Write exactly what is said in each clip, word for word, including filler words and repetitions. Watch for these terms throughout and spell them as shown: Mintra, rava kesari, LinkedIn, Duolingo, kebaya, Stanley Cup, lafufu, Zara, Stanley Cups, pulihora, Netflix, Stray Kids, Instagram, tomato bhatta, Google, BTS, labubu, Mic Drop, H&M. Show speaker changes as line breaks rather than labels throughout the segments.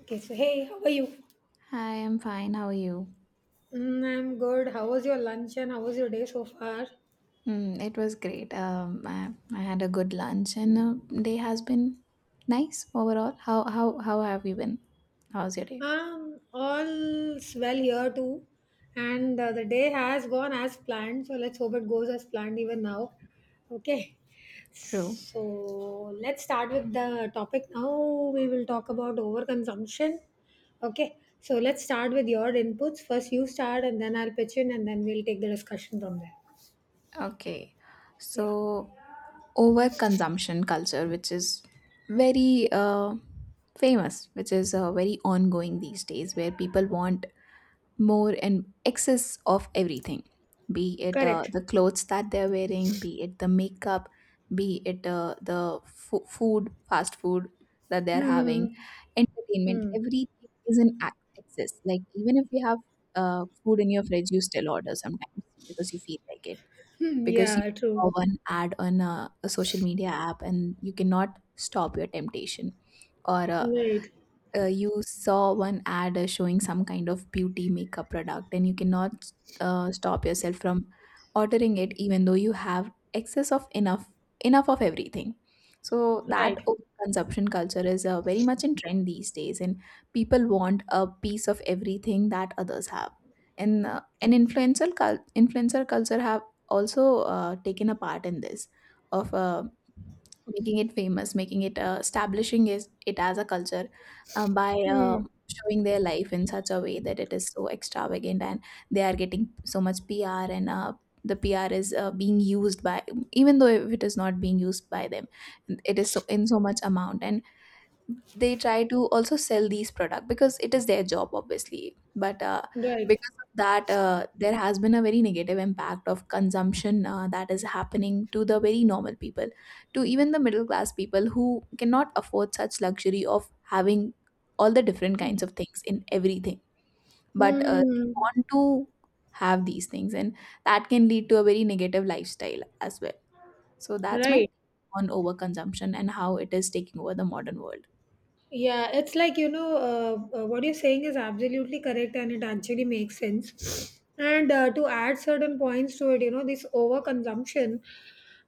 Okay, so hey, how are you?
Hi, I'm fine. How are you?
Mm, I'm good. How was your lunch and how was your day so far?
Mm, it was great. Um, I, I had a good lunch, and uh, day has been nice overall. How how how have you been? How's your day?
Um, all's well here too. And uh, the day has gone as planned. So let's hope it goes as planned even now. Okay.
True.
So let's start with the topic now. We will talk about overconsumption. Okay. So let's start with your inputs. First, you start, and then I'll pitch in, and then we'll take the discussion from there.
Okay.
Yeah.
So overconsumption culture, which is very
Yeah.
uh, famous, which is uh, very ongoing these days, where people want more and excess of everything, be it uh,
Correct.
the clothes that they're wearing, be it the makeup, be it uh, the fo- food, fast food, that they're having,
Hmm.
entertainment,
Hmm.
everything is in ac- excess. Like even if you have uh, food in your fridge, you still order sometimes because you feel like it,
Hmm,
because you
yeah, true.
saw one ad on a, a social media app and you cannot stop your temptation, or uh,
Right,
uh, you saw one ad uh, showing some kind of beauty makeup product and you cannot uh, stop yourself from ordering it even though you have excess of enough enough of everything. So that
right.
over consumption culture is uh, very much in trend these days, and people want a piece of everything that others have. And uh, an influencer cul- influencer culture have also uh, taken a part in this of uh, making it famous, making it uh, establishing is, it as a culture, uh, by uh,
Hmm,
showing their life in such a way that it is so extravagant, and they are getting so much P R, and uh, the P R is uh, being used by, even though if it is not being used by them, it is so in so much amount. And they try to also sell these products because it is their job obviously, but uh,
right.
because of that, uh, there has been a very negative impact of consumption uh, that is happening to the very normal people, to even the middle class people who cannot afford such luxury of having all the different kinds of things in everything,
Hmm,
but
hmm,
uh,
hmm,
they
hmm.
want to have these things, and that can lead to a very negative lifestyle as well. So that's my
Right.
take on overconsumption and how it is taking over the modern world.
Yeah, it's like, you know, uh, uh, what you're saying is absolutely correct and it actually makes sense. And uh, to add certain points to it, you know, this overconsumption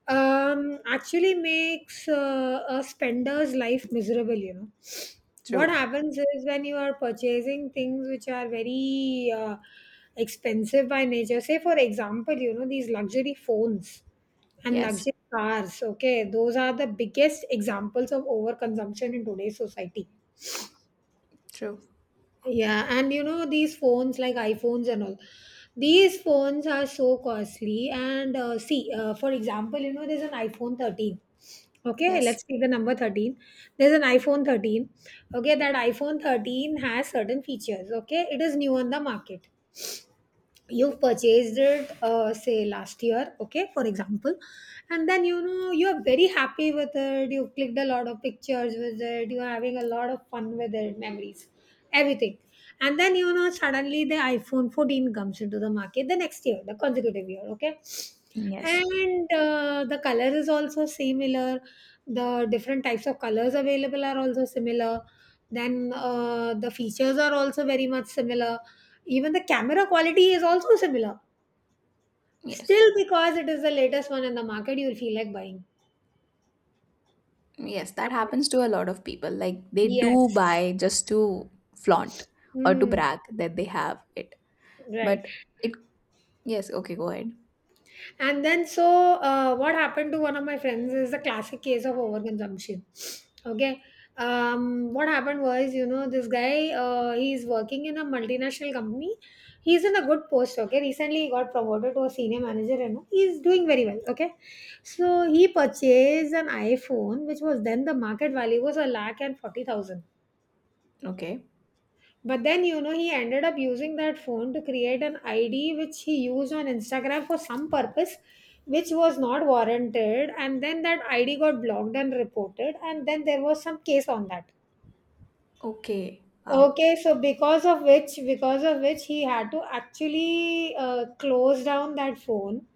um, actually makes uh, a spender's life miserable, you know. What
True.
happens is when you are purchasing things which are very uh, expensive by nature, say, for example, you know, these luxury phones and
Yes,
luxury cars. Okay, those are the biggest examples of overconsumption in today's society.
true.
Yeah, and you know, these phones like iPhones and all, these phones are so costly. And uh, see, uh, for example, you know, there's an iPhone thirteen. Okay,
Yes.
let's take the number thirteen. There's an iPhone thirteen. Okay, that iPhone thirteen has certain features. Okay, it is new on the market. You've purchased it uh, say last year, okay, for example, and then you know you're very happy with it. You clicked a lot of pictures with it. You're having a lot of fun with it, memories, everything. And then you know suddenly the iPhone fourteen comes into the market the next year, the consecutive year, okay.
Yes.
And uh, the color is also similar, the different types of colors available are also similar, then uh, the features are also very much similar, even the camera quality is also similar.
Yes,
Still, because it is the latest one in the market, you will feel like buying.
yes. That happens to a lot of people, like they do
Yes.
buy just to flaunt or to
Hmm.
brag that they have it.
Right.
But it, yes, okay, go ahead.
And then, so uh, what happened to one of my friends is the classic case of overconsumption. Okay. Um, what happened was, you know, this guy, uh, he's working in a multinational company. He's in a good post. Okay. Recently, he got promoted to a senior manager and he's doing very well. Okay. So he purchased an iPhone, which was then the market value was a lakh and forty thousand.
Okay.
But then, you know, he ended up using that phone to create an I D which he used on Instagram for some purpose which was not warranted. And then that I D got blocked and reported. And then there was some case on that.
Okay, wow.
Okay, so because of which, because of which he had to actually uh, close down that phone,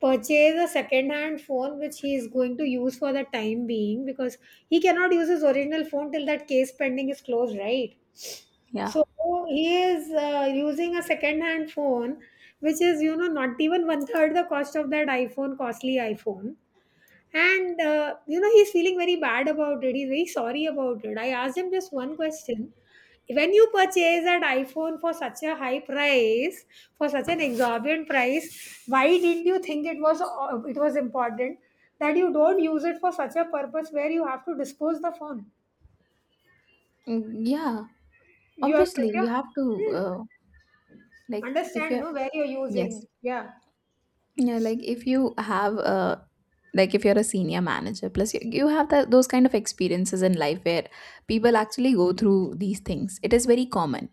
purchase a second-hand phone which he is going to use for the time being because he cannot use his original phone till that case pending is closed, right?
Yeah.
So he is uh, using a second-hand phone, which is you know not even one third the cost of that iPhone, costly iPhone. And uh, you know he's feeling very bad about it. He's very sorry about it. I asked him just one question: when you purchase that iPhone for such a high price, for such an exorbitant price, why didn't you think it was uh, it was important that you don't use it for such a purpose where you have to dispose the phone?
Mm, yeah.
You have
Obviously,
spent
you have to,
your...
uh, like, if
understand,
you're,
no, where you're
yes,
using. Yeah.
yeah, like if you have a, like if you're a senior manager, plus you, you have that those kind of experiences in life where people actually go through these things. It is very common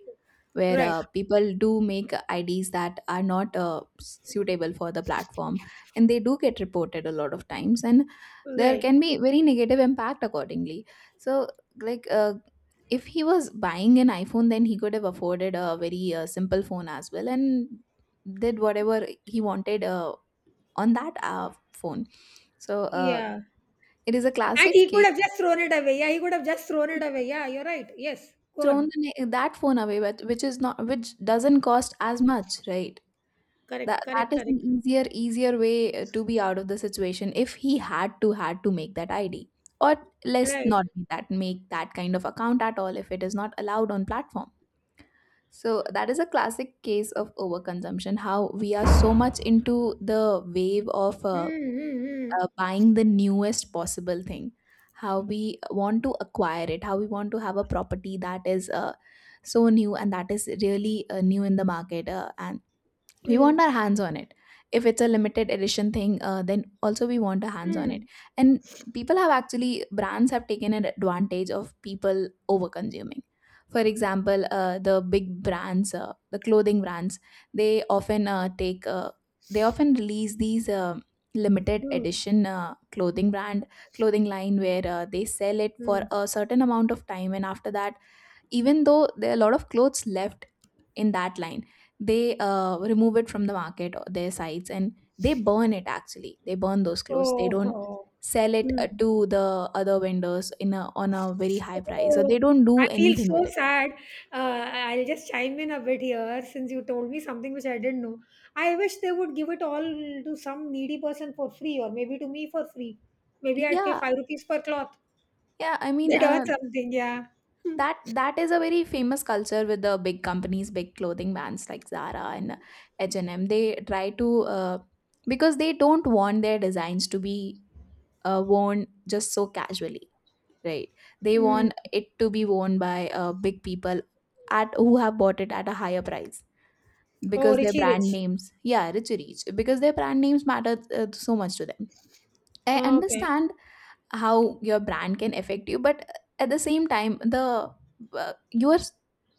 where
Right.
uh, people do make I Ds that are not uh, suitable for the platform, and they do get reported a lot of times, and there
Right.
can be very negative impact accordingly. So, like uh, if he was buying an iPhone, then he could have afforded a very uh, simple phone as well and did whatever he wanted uh, on that uh, phone. So uh,
Yeah.
it is a
And
classic
he could
case.
have just thrown it away. Yeah, he could have just thrown it away. Yeah, you're right. Yes. Go
Thrown
on.
the, na- that phone away, but which is not, which doesn't cost as much, right?
Correct.
That
Correct.
that is an
Correct.
easier easier way uh, to be out of the situation if he had to had to make that I D. Or let's
Right.
not be that, make that kind of account at all if it is not allowed on platform. So that is a classic case of overconsumption. How we are so much into the wave of uh, uh,
Mm-hmm.
buying the newest possible thing, how we want to acquire it, how we want to have a property that is uh, so new and that is really uh, new in the market, uh, and we
Mm-hmm.
want our hands on it. If it's a limited edition thing, uh, then also we want our hands on it.
Mm-hmm.
And people have actually brands have taken an advantage of people over consuming. For example, uh, the big brands, uh, the clothing brands, they often uh, take, uh, they often release these uh, limited edition uh, clothing brand clothing line, where uh, they sell it for
Mm-hmm.
a certain amount of time, and after that, even though there are a lot of clothes left in that line, they uh, remove it from the market or their sites, and they burn it. Actually, they burn those clothes, they
Oh.
don't
Oh.
sell it
Hmm.
uh, to the other vendors in a, on a very high price, or they
So,
don't
I
do
feel
anything
so
with it.
sad. Uh, I'll just chime in a bit here since you told me something which I didn't know. I wish they would give it all to some needy person for free, or maybe to me for free. Maybe I'd pay
Yeah,
five rupees per cloth.
yeah, I mean
That or
uh,
something, yeah.
that that is a very famous culture with the big companies, big clothing brands like Zara and H&M. They try to, uh, because they don't want their designs to be uh, worn just so casually, right? They
Mm.
want it to be worn by uh, big people at who have bought it at a higher price,
Oh,
because their
Richie
brand
Rich.
names, yeah, rich, rich, because their brand names matter uh, so much to them. I
Okay,
understand how your brand can affect you, but at the same time, the uh, you're s-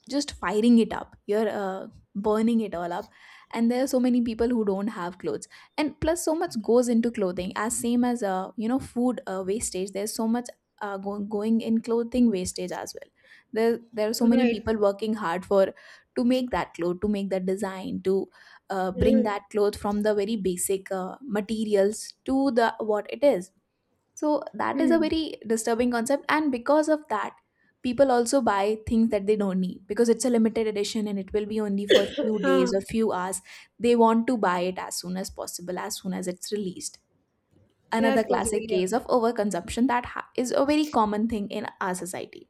just firing it up, you're uh, burning it all up. And there are so many people who don't have clothes. And plus, so much goes into clothing, as same as, uh, you know food uh, wastage. There's so much uh, going going in clothing wastage as well. There there are so many
right.
people working hard for, to make that cloth, to make that design, to uh, bring
Mm.
that cloth from the very basic uh, materials to the what it is. So that is a
Mm.
very disturbing concept, and because of that, people also buy things that they don't need because it's a limited edition and it will be only for few
Ah,
days or few hours. They want to buy it as soon as possible, as soon as it's released.
that's
Another
possible,
classic
yeah.
case of overconsumption that ha- is a very common thing in our society.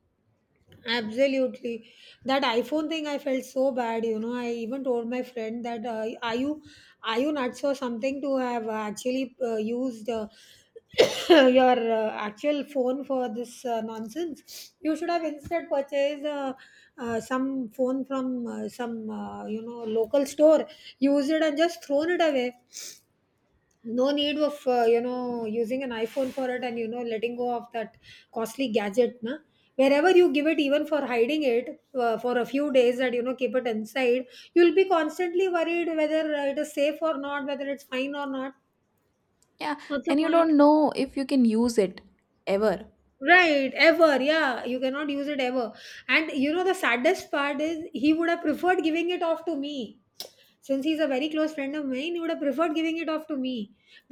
Absolutely. That iPhone thing, I felt so bad. You know, I even told my friend that uh, are you are you nuts or something to have uh, actually uh, used uh, your uh, actual phone for this uh, nonsense? You should have instead purchased uh, uh, some phone from uh, some uh, you know local store, used it and just thrown it away. No need of uh, you know using an iPhone for it, and you know letting go of that costly gadget, na. Wherever you give it, even for hiding it uh, for a few days, that you know keep it inside, you'll be constantly worried whether uh, it is safe or not, whether it's fine or not.
Yeah,
What's the
and you
point?
don't know if you can use it ever.
Right, ever. Yeah, you cannot use it ever. And you know the saddest part is he would have preferred giving it off to me. Since he's a very close friend of mine, he would have preferred giving it off to me.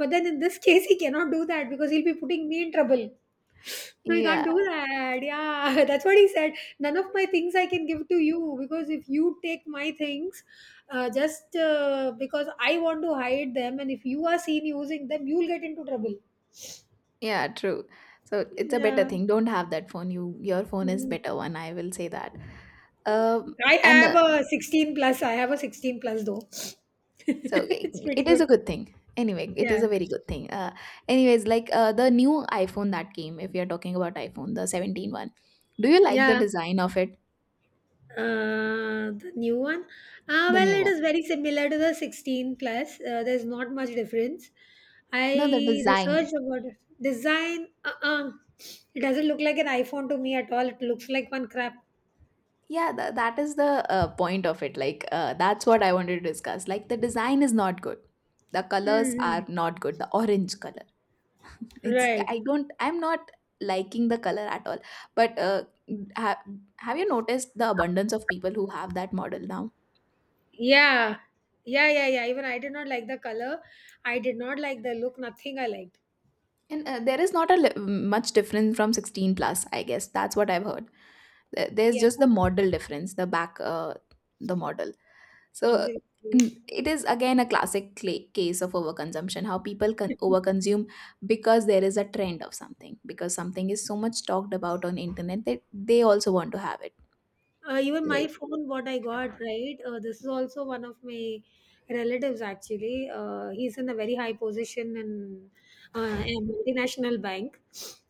But then in this case, he cannot do that because he'll be putting me in trouble. No, you can't
Yeah,
do that. Yeah, that's what he said. None of my things I can give to you because if you take my things, uh, just uh, because I want to hide them, and if you are seen using them, you'll get into trouble.
yeah, true. So it's a better
Yeah.
thing. Don't have that phone. You, your phone is better one. I will say that. Um,
I
and
have
uh,
a sixteen plus. I have a sixteen plus though.
So i-
It's pretty
it is a
good.
good thing. Anyway, it is
Yeah.
a very good thing. Uh, anyways, like uh, the new iPhone that came, if we are talking about iPhone, the seventeen one. Do you like the
Yeah.
design of it?
Uh, the new one, uh,
The
well,
new
it
one?
is very similar to the sixteen plus. uh, there's not much difference. I
No, the design.
researched about it. Design, uh-uh. It doesn't look like an iPhone to me at all. It looks like one crap.
Yeah, tha that is the uh, point of it. Like, uh, that's what I wanted to discuss. Like, the design is not good. The colors
Hmm.
are not good. The orange color. It's,
Right.
I don't, I'm not liking the color at all. But uh, have, have you noticed the abundance of people who have that model now?
Yeah, yeah yeah yeah even I did not like the color. I did not like the look, nothing I liked.
And uh, there is not a li- much difference from sixteen plus, I guess. That's what I've heard. There- There's
Yeah,
just the model difference, the back, uh, the model. So
absolutely.
n- it is again a classic cla- case of overconsumption, how people can overconsume because there is a trend of something, because something is so much talked about on internet that they also want to have it.
Uh, even my
Right.
phone, what I got, right? Uh, this is also one of my relatives, actually. Uh, he's in a very high position in uh, a multinational bank.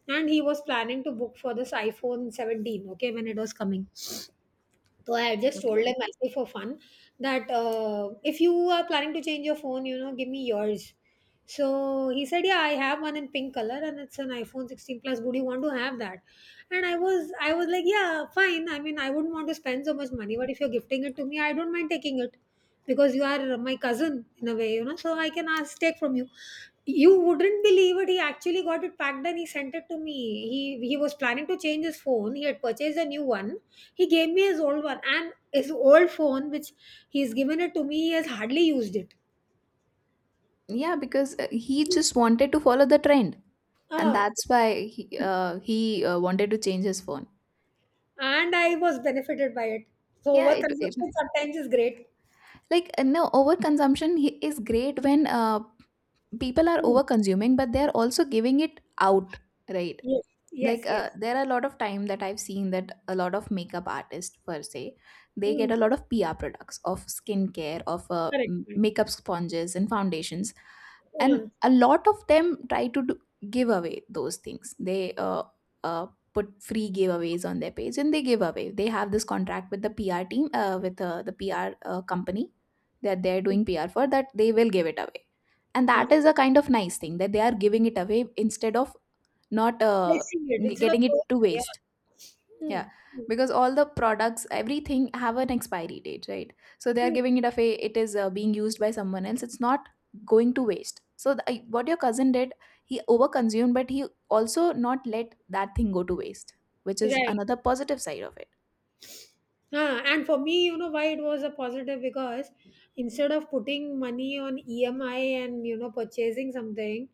And he was planning to book for this iPhone seventeen, okay, when it was coming. So I just told
Okay.
him actually for fun that uh, if you are planning to change your phone, you know, give me yours. So he said, yeah, I have one in pink color and it's an iPhone sixteen plus. Would you want to have that? And I was, I was like, yeah, fine. I mean, I wouldn't want to spend so much money, but if you're gifting it to me, I don't mind taking it because you are my cousin in a way, you know. So I can ask take from you. You wouldn't believe it. He actually got it packed and he sent it to me. He he was planning to change his phone. He had purchased a new one. He gave me his old one and his old phone, which he's given it to me. He has hardly used it.
Yeah, because uh, he just wanted to follow the trend, and
Ah,
that's why he, uh, he uh, wanted to change his phone.
and I was benefited by it. So
Yeah, it, it,
overconsumption sometimes is great.
like uh, no, overconsumption hi- is great when uh, people are
Mm.
over consuming, but they are also giving it out, right?
Yes,
Like
yes,
uh,
yes.
there are a lot of time that I've seen, that a lot of makeup artists per se, they get
Mm.
a lot of PR products of skincare, of uh,
Correct,
m-
correct.
makeup sponges and foundations, and
Mm.
a lot of them try to do, give away those things. They uh, uh, put free giveaways on their page, and they give away, they have this contract with the PR team, uh, with uh, the PR uh, company that they're
Mm.
doing PR for, that they will give it away. And
Uh,
that is a kind of nice thing, that they are giving it away instead of not uh,
flexing it instead of
getting it to
throwing it.
waste.
Yeah.
Yeah,
Mm. Mm.
because all the products, everything have an expiry date, right? So they are
Mm.
giving it away, it is uh, being used by someone else, it's not going to waste. So the, I- what your cousin did, he overconsumed, but he also not let that thing go to waste, which is
Right.
another positive side of it.
Ah, and for me, you know why it was a positive because instead of putting money on E M I and you know purchasing something,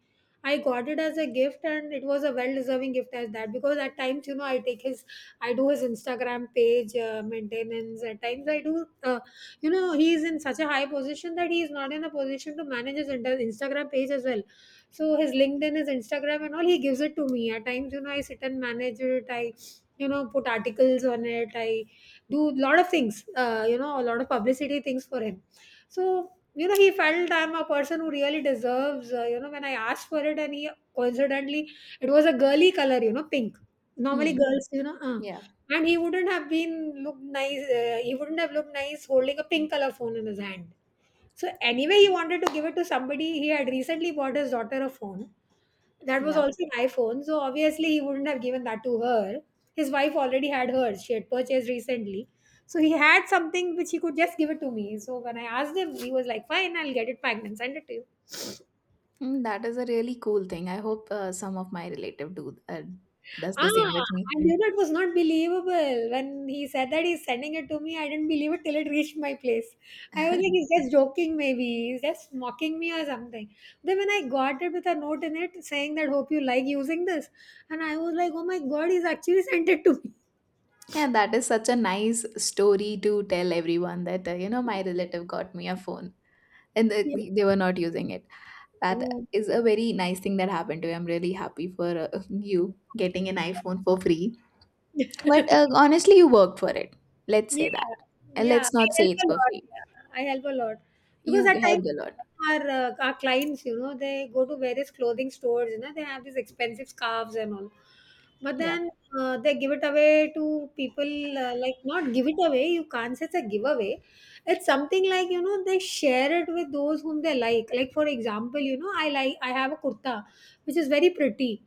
I got it as a gift and it was a well-deserving gift as that because at times you know I take his, I do his Instagram page uh, maintenance. At times I do, uh, you know, he is in such a high position that he is not in a position to manage his inter- Instagram page as well. So his LinkedIn, his Instagram, and all he gives it to me. At times you know I sit and manage it. I you know put articles on it. I do a lot of things uh, you know a lot of publicity things for him. So you know he felt I'm a person who really deserves uh, you know when I asked for it. And he, coincidentally, it was a girly color, you know pink. Normally
Mm,
girls, you know uh,
yeah.
and he wouldn't have been looked nice uh, he wouldn't have looked nice holding a pink color phone in his hand. So anyway, he wanted to give it to somebody. He had recently bought his daughter a phone, that was
Yeah.
also an iPhone, so obviously he wouldn't have given that to her. His wife already had hers, she had purchased recently. So he had something which he could just give it to me. So when I asked him, he was like, "Fine, I'll get it packed and send it to you."
Mm, that is a really cool thing. I hope uh, some of my relative do uh, does
Ah,
the same with me.
and you know, it was not believable. When he said that he's sending it to me, I didn't believe it till it reached my place. I was like, "He's just joking, maybe." He's just mocking me or something. Then when I got it with a note in it saying that, "Hope you like using this." And I was like, "Oh my God, he's actually sent it to me."
Yeah, that is such a nice story to tell everyone, that, uh, you know, my relative got me a phone, and uh, they were not using it. That
Yeah.
is a very nice thing that happened to you. I'm really happy for uh, you getting an iPhone for free. But uh, honestly, you worked for it. Let's say that.
Yeah,
And
yeah,
let's
I
not say
help
it's
a
for
lot.
free.
Yeah, I help a lot because
You
at times
helped a lot.
our uh, our clients, you know, they go to various clothing stores. You know, they have these expensive scarves and all, but
Yeah.
then uh, they give it away to people. Uh, like not give it away. You can't say it's a giveaway. It's something like, you know, they share it with those whom they like. Like, for example, you know, I like I have a kurta which is very pretty.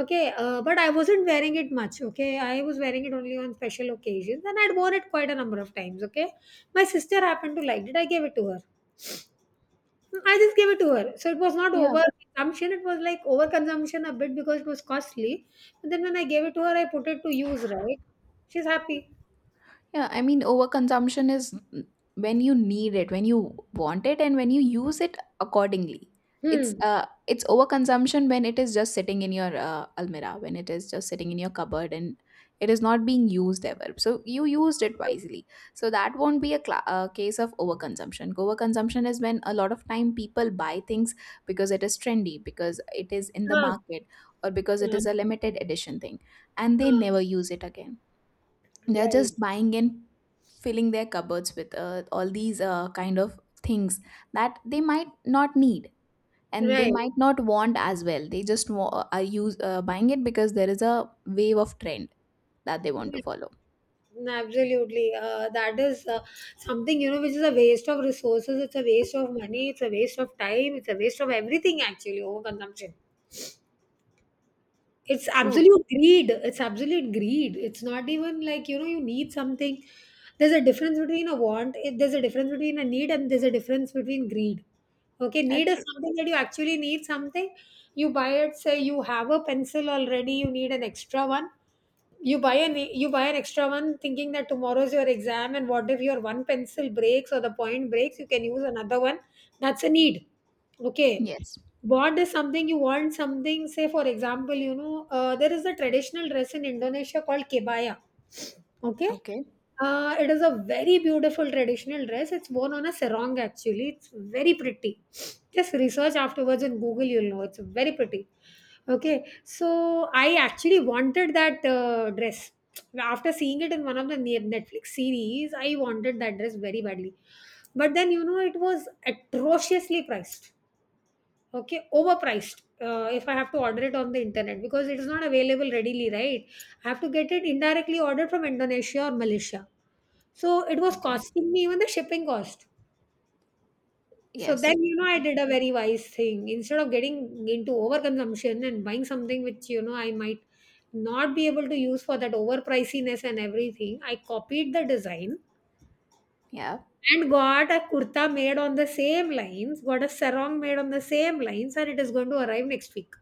Okay, uh, but I wasn't wearing it much. Okay, I was wearing it only on special occasions, and I'd worn it quite a number of times. Okay, my sister happened to like it. I gave it to her. Hmm, I just gave it to her. So it was not
Yeah.
overconsumption. It was like overconsumption a bit because it was costly. But then when I gave it to her, I put it to use. Right? She's happy.
Yeah, I mean, overconsumption is when you need it, when you want it, and when you use it accordingly. It's
Hmm.
uh, it's overconsumption when it is just sitting in your uh, almirah, when it is just sitting in your cupboard, and it is not being used ever. So you used it wisely. So that won't be a, cla a case of overconsumption. Overconsumption is when a lot of time people buy things because it is trendy, because it is in the
Ah,
market, or because it
ah,
is a limited edition thing, and they
ah.
never use it again. They're
Right.
just buying and filling their cupboards with uh, all these uh, kind of things that they might not need, and they
Right.
might not want as well. They just wa- uh, are use uh, buying it because there is a wave of trend that they want to follow.
No, absolutely. Uh, that is, uh, something, you know, which is a waste of resources. It's a waste of money. It's a waste of time. It's a waste of everything, actually, overconsumption. It's
True.
absolute greed. It's absolute greed. It's not even like, you know, you need something. There's a difference between a want, eh, there's a difference between a need, and there's a difference between greed. Okay,
Yeah,
need is
true.
something that you actually need something. You buy it. Say you have a pencil already, you need an extra one. You buy an you buy an extra one thinking that tomorrow's your exam, and what if your one pencil breaks or the point breaks, you can use another one. That's a need. Okay,
Yes.
bought is something you want something. Say, for example, you know, uh, there is a traditional dress in Indonesia called kebaya. Okay,
Okay.
uh, it is a very beautiful traditional dress. It's worn on a sarong, actually. It's very pretty. Just research afterwards in Google, you'll know. It's very pretty. Okay, so I actually wanted that uh, dress. After seeing it in one of the ne- Netflix series, I wanted that dress very badly. But then, you know, it was atrociously priced. Okay, overpriced. Uh, if I have to order it on the internet because it is not available readily, right? I have to get it indirectly ordered from Indonesia or Malaysia. So it was
Okay.
costing me even the shipping cost. So
Yes.
then, you know, I
Okay.
did a very wise thing. Instead of getting into overconsumption and buying something which, you know, I might not be able to use for that overpriciness and everything, I copied the design
Yeah.
and got a kurta made on the same lines, got a sarong made on the same lines, and it is going to arrive next week.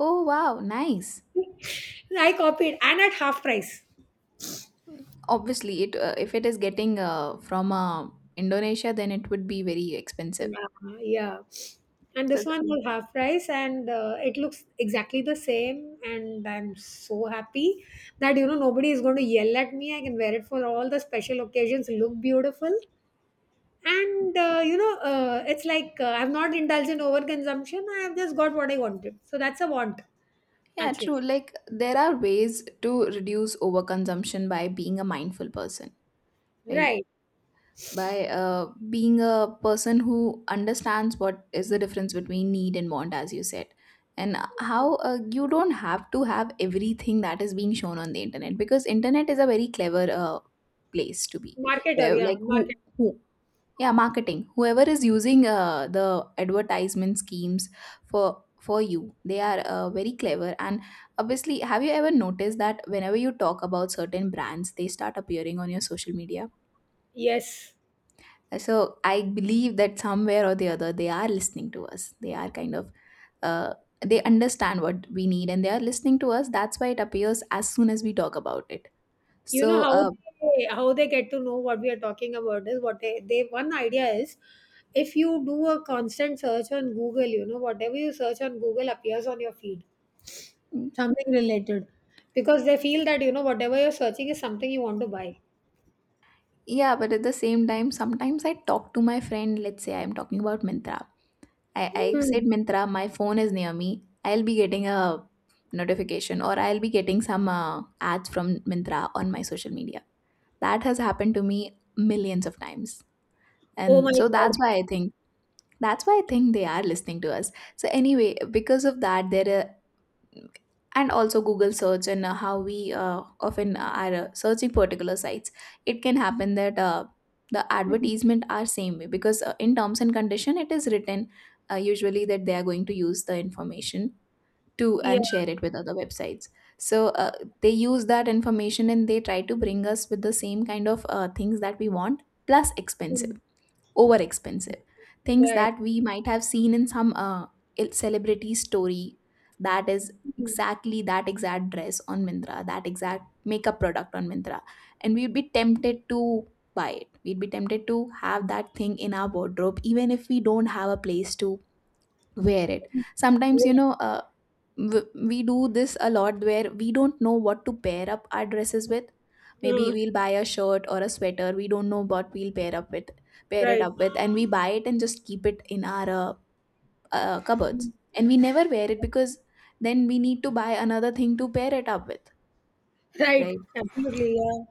Oh, wow, nice.
I copied, and at half price.
Obviously it, uh, if it is getting uh, from uh, Indonesia, then it would be very expensive.
Yeah, yeah. And
So
this one was half price, and uh, it looks exactly the same. And I'm so happy that, you know, nobody is going to yell at me. I can wear it for all the special occasions. Look beautiful, and uh, you know, uh, it's like, uh, I've not indulged in overconsumption. I have just got what I wanted. So that's a want,
yeah,
actually.
true. Like there are ways to reduce overconsumption by being a mindful person, right?
Right,
By uh, being a person who understands what is the difference between need and want, as you said, and how uh, you don't have to have everything that is being shown on the internet, because internet is a very clever uh, place to be.
marketer.
Uh,
Yeah,
like
market.
who, who yeah, marketing. Whoever is using uh, the advertisement schemes for for you, they are uh, very clever. And obviously, have you ever noticed that whenever you talk about certain brands, they start appearing on your social media?
Yes.
So I believe that somewhere or the other, they are listening to us. They are kind of, uh, they understand what we need, and they are listening to us. That's why it appears as soon as we talk about it.
You know
So,
how
Uh,
they, how they get to know what we are talking about is what they, they, one idea is if you do a constant search on Google, you know, whatever you search on Google appears on your feed, something related, because they feel that, you know, whatever you're searching is something you want to buy.
yeah, but at the same time, sometimes I talk to my friend. Let's say I'm talking about Mintra. I, I
Hmm.
said Mintra, my phone is near me. I'll be getting a notification, or I'll be getting some uh, ads from Mintra on my social media. That has happened to me millions of times.
Oh my
And so that's
God.
why I think that's why I think they are listening to us. So anyway, because of that, there are, and also Google search, and uh, how we uh, often uh, are uh, searching particular sites, it can happen that, uh, the
Hmm.
advertisement are same way, because uh, in terms and condition it is written, uh, usually, that they are going to use the information to
Yeah.
and share it with other websites. So, uh, they use that information and they try to bring us with the same kind of uh, things that we want, plus
Hmm.
expensive, over expensive things
Right.
that we might have seen in some uh, il- celebrity story. That is
Hmm.
exactly that exact dress on Mintra, that exact makeup product on Mintra, and we'd be tempted to buy it, we'd be tempted to have that thing in our wardrobe even if we don't have a place to wear it. Sometimes
Yeah.
you know uh, w- we do this a lot, where we don't know what to pair up our dresses with. Maybe
Uh,
we'll buy a shirt or a sweater, we don't know what we'll pair up with pair it
right,
up with and we buy it and just keep it in our uh, uh, cupboards, and we never wear it, because then we need to buy another thing to pair it up with,
right,
right?
absolutely, yeah.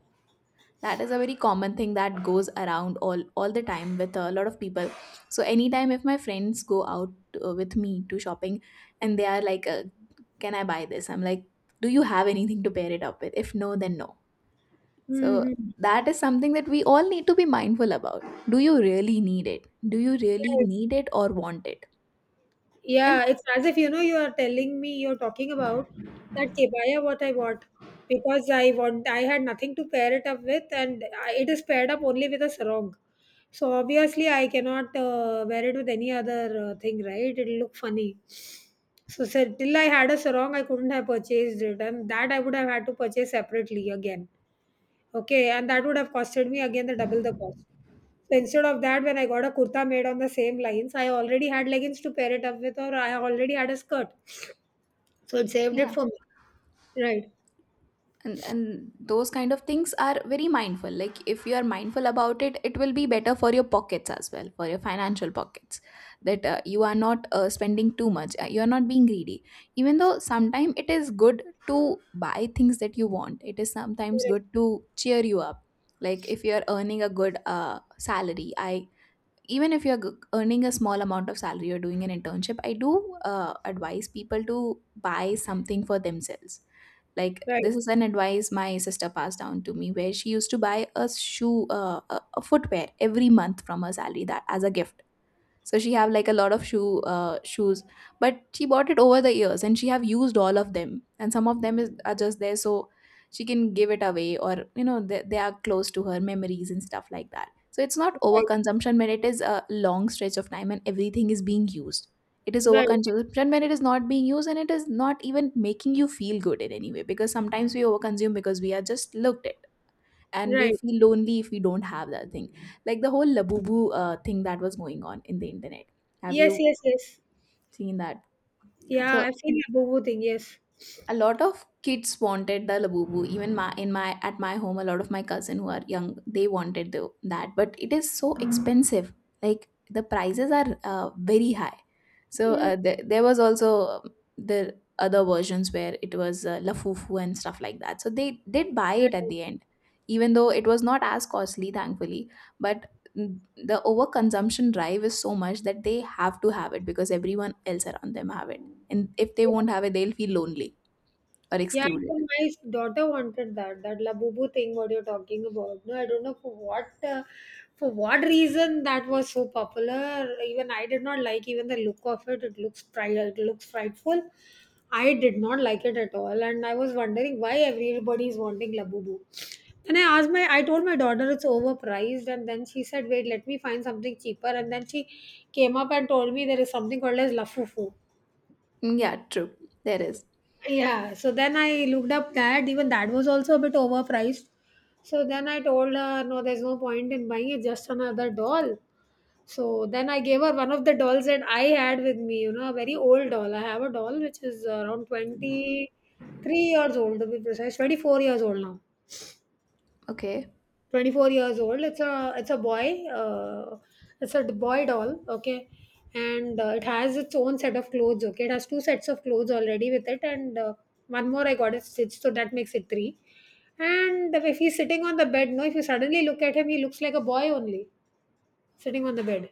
That is a very common thing that goes around all all the time with a lot of people. So anytime if my friends go out uh, with me to shopping, and they are like, uh, can I buy this, I'm like, do you have anything to pair it up with? If no, then no. So
Mhm.
that is something that we all need to be mindful about. Do you really need it do you really need it, or want it? And
Yeah, it's as if, you know, you are telling me you're talking about that kebaya what I want, because I want I had nothing to pair it up with, and I, it is paired up only with a sarong. So obviously I cannot uh, wear it with any other uh, thing, right? It'll look funny. So, sir, till I had a sarong, I couldn't have purchased it, and that I would have had to purchase separately again. Okay, and that would have costed me again the double the cost. So instead of that, when I got a kurta made on the same lines, I already had leggings to pair it up with, or I already had a skirt. So it saved it
yeah.
for me. Right.
and and those kind of things are very mindful. Like, if you are mindful about it it will be better for your pockets, as well for your financial pockets. That, uh, you are not, uh, spending too much, uh, you are not being greedy. Even though sometimes it is good to buy things that you want, it is sometimes
Right.
good to cheer you up. Like if you are earning a good uh, salary, I even if you're g- earning a small amount of salary or doing an internship, I do uh, advise people to buy something for themselves. Like,
Right.
this is an advice my sister passed down to me, where she used to buy a shoe uh, a, a footwear every month from her salary, that as a gift. So she have like a lot of shoe uh, shoes, but she bought it over the years and she have used all of them, and some of them is, are just there. So she can give it away, or you know they, they are close to her memories and stuff like that. So it's not
Right.
overconsumption when it is a long stretch of time and everything is being used. It is
Right.
overconsumption when it is not being used and it is not even making you feel good in any way, because sometimes we overconsume because we are just looked at, and we
Right.
feel lonely if we don't have that thing. Like the whole labubu uh, thing that was going on in the internet, have
Yes.
you
Yes. Yes.
seen that?
Yeah,
So
I've seen the boo boo thing. Yes.
a lot of kids wanted the labubu, even my in my at my home, a lot of my cousin who are young, they wanted the, that, but it is so expensive. Like the prices are uh, very high. So
Mm,
uh, the, there was also, um, the other versions where it was uh, lafufu and stuff like that, so they did buy
right.
it at the end, even though it was not as costly, thankfully. But mm, the overconsumption drive is so much that they have to have it because everyone else around them have it, and if they
Yeah.
won't have it, they'll feel lonely, are
Yeah,
excluded.
even my daughter wanted that, that labubu thing what you're talking about. No, I don't know for what, uh, for what reason that was so popular. Even I did not like even the look of it. It looks fri- it looks frightful. I did not like it at all, and I was wondering why everybody is wanting labubu. And I asked my, I told my daughter it's overpriced, and then she said, "Wait, let me find something cheaper." And then she came up and told me there is something called as lafufu.
Mm, yeah, true. There is.
Yeah, so then I looked up that even that was also a bit overpriced. So then I told her, no, there's no point in buying it, just another doll. So then I gave her one of the dolls that I had with me, you know, a very old doll. I have a doll which is around twenty-three years old, to be precise, twenty-four years old now.
Okay.
twenty-four years old. It's a it's a boy, uh, it's a boy doll. Okay, and uh, it has its own set of clothes. Okay, it has two sets of clothes already with it, and uh, one more I got it stitched, so that makes it three. And if he's sitting on the bed, no, if you suddenly look at him, he looks like a boy only, sitting on the bed.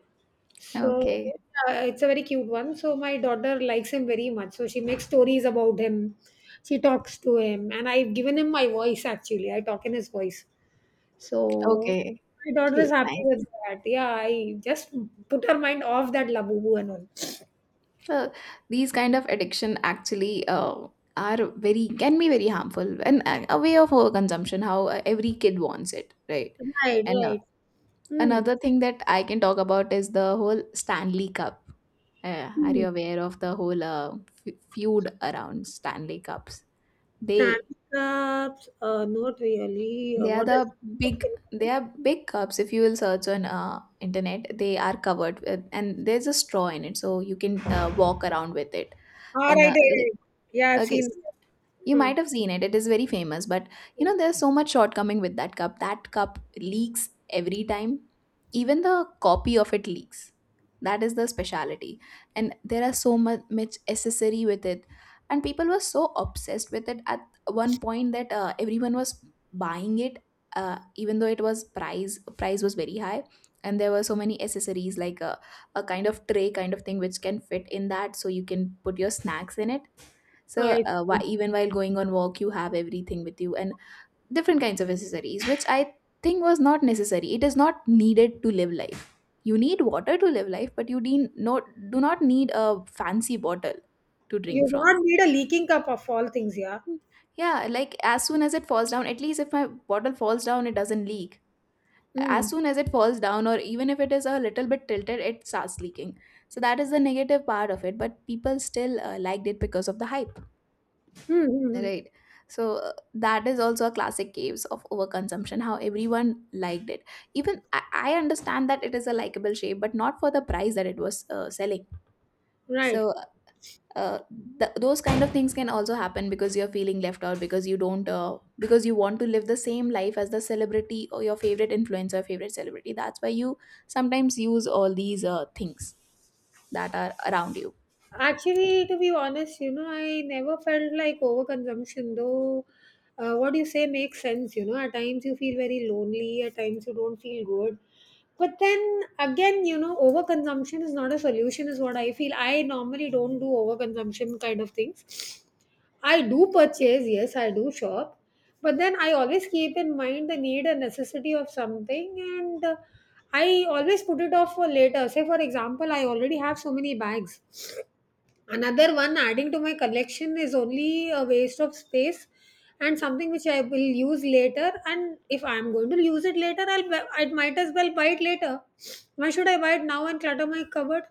So
Okay.
uh, it's a very cute one. So my daughter likes him very much, so she makes stories about him. She talks to him, and I've given him my voice. Actually, I talk in his voice. So
Okay.
my daughter is
Cute.
happy
Nice.
with that. Yeah, I just put her mind off that labubu and all.
So these kind of addiction actually, uh, are very can be very harmful, and uh, a way of overconsumption. How uh, every kid wants it, right?
Right,
And uh,
right. Hmm.
another thing that I can talk about is the whole Stanley Cup. Uh, are
Hmm.
you aware of the whole uh, f- feud around Stanley Cups? They
Stanley Cups, uh, not really. Uh,
they are
what
the
is what
big
can
they
you
are big cups. If you will search on uh, internet, they are covered with, and there's a straw in it so you can uh, walk around with it.
All right,
And
right,
uh, like,
right. Yeah, I've
okay,
seen
so
that.
you might
Hmm.
have seen it. It is very famous, but you know there's so much shortcoming with that cup. That cup leaks every time. Even the copy of it leaks. That is the speciality. And there are so much, much accessory with it. And people were so obsessed with it at one point that, uh, everyone was buying it, uh, even though it was price price was very high. And there were so many accessories, like a, a kind of tray kind of thing which can fit in that, so you can put your snacks in it. So,
I
uh, why,
see.
even while going on walk, you have everything with you, and different kinds of accessories, which I think was not necessary. It is not needed to live life. You need water to live life, but you, de- no, do not need a fancy bottle to drink
You
from.
don't need a leaking cup of all things, yeah.
Yeah, like as soon as it falls down, at least if my bottle falls down, it doesn't leak.
Hmm.
As soon as it falls down, or even if it is a little bit tilted, it starts leaking. So that is the negative part of it, but people still uh, liked it because of the hype.
Hmm, hmm, hmm.
Right. So uh, that is also a classic case of overconsumption, how everyone liked it. Even I, I understand that it is a likable shape, but not for the price that it was uh, selling.
Right.
So uh, th- those kind of things can also happen because you're feeling left out, because you don't, uh, because you want to live the same life as the celebrity or your favorite influencer, favorite celebrity. That's why you sometimes use all these uh, things that are around you.
Actually, to be honest, you know, I never felt like overconsumption, though uh, what you say makes sense. You know, at times you feel very lonely, at times you don't feel good. But then again, you know, overconsumption is not a solution, is what I feel. I normally don't do overconsumption kind of things. I do purchase, yes, I do shop. But then I always keep in mind the need and necessity of something, and uh, I always put it off for later. Say, for example, I already have so many bags. Another one adding to my collection is only a waste of space and something which I will use later. And if I'm going to use it later, I'll I might as well buy it later. Why should I buy it now and clutter my cupboard?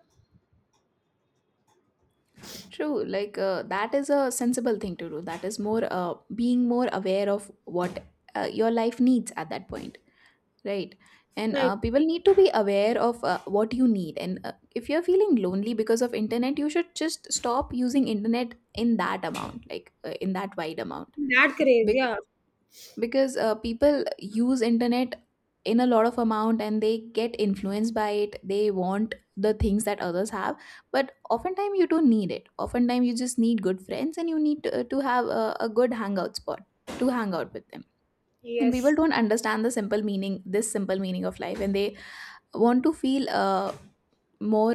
True, like uh, that is a sensible thing to do. That is more uh, being more aware of what uh, your life needs at that point, right? And
Like
uh, people need to be aware of uh, what you need. And uh, if you're feeling lonely because of internet, you should just stop using internet in that amount, like uh, in that wide amount,
that craze, yeah.
because uh, people use internet in a lot of amount and they get influenced by it, they want the things that others have. But oftentimes you don't need it, oftentimes you just need good friends, and you need to, to have a, a good hangout spot to hang out with them. And
Yes,
people don't understand the simple meaning this simple meaning of life, and they want to feel uh, more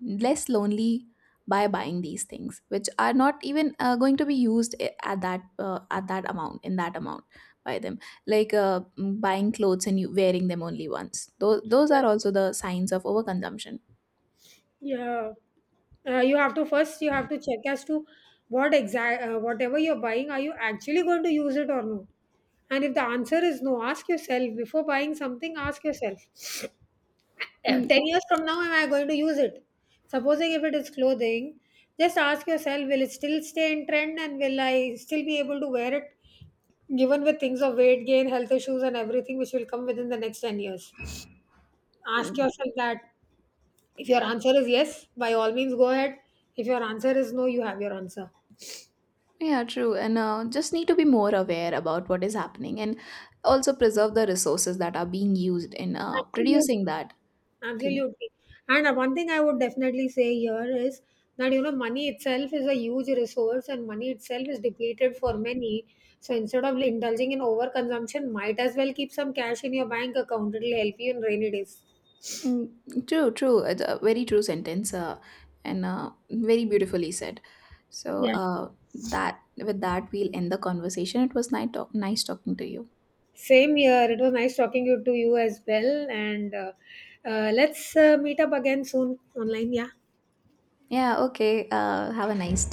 less lonely by buying these things which are not even uh, going to be used, I- at that uh, at that amount in that amount by them. Like, uh, mm, buying clothes and you wearing them only once, those those are also the signs of overconsumption.
yeah. Uh, you have to first you have to check as to what exact uh, whatever you're buying, are you actually going to use it or no? And if the answer is no, ask yourself before buying something. Ask yourself. Uh,
Mm,
ten years from now, am I going to use it, supposing if it is clothing? Just ask yourself, will it still stay in trend, and will I still be able to wear it, given with things of weight gain, health issues, and everything which will come within the next ten years? Ask
mm.
yourself that. If your answer is yes, by all means go ahead. If your answer is no, you have your answer.
Yeah, true, and uh, just need to be more aware about what is happening, and also preserve the resources that are being used in uh,
Absolutely.
producing that thing.
Absolutely. And uh, one thing I would definitely say here is that, you know, money itself is a huge resource, and money itself is depleted for many. So instead of indulging in overconsumption, might as well keep some cash in your bank account. It'll help you in rainy days.
Mm, true, true. It's a very true sentence, uh, and uh, very beautifully said. So
Yeah.
uh, that with that we'll end the conversation. It was nice talk- nice talking to you.
Same here. It was nice talking you, to you as well. And uh, uh, let's uh, meet up again soon online. Yeah.
Yeah. Okay. Uh, have a nice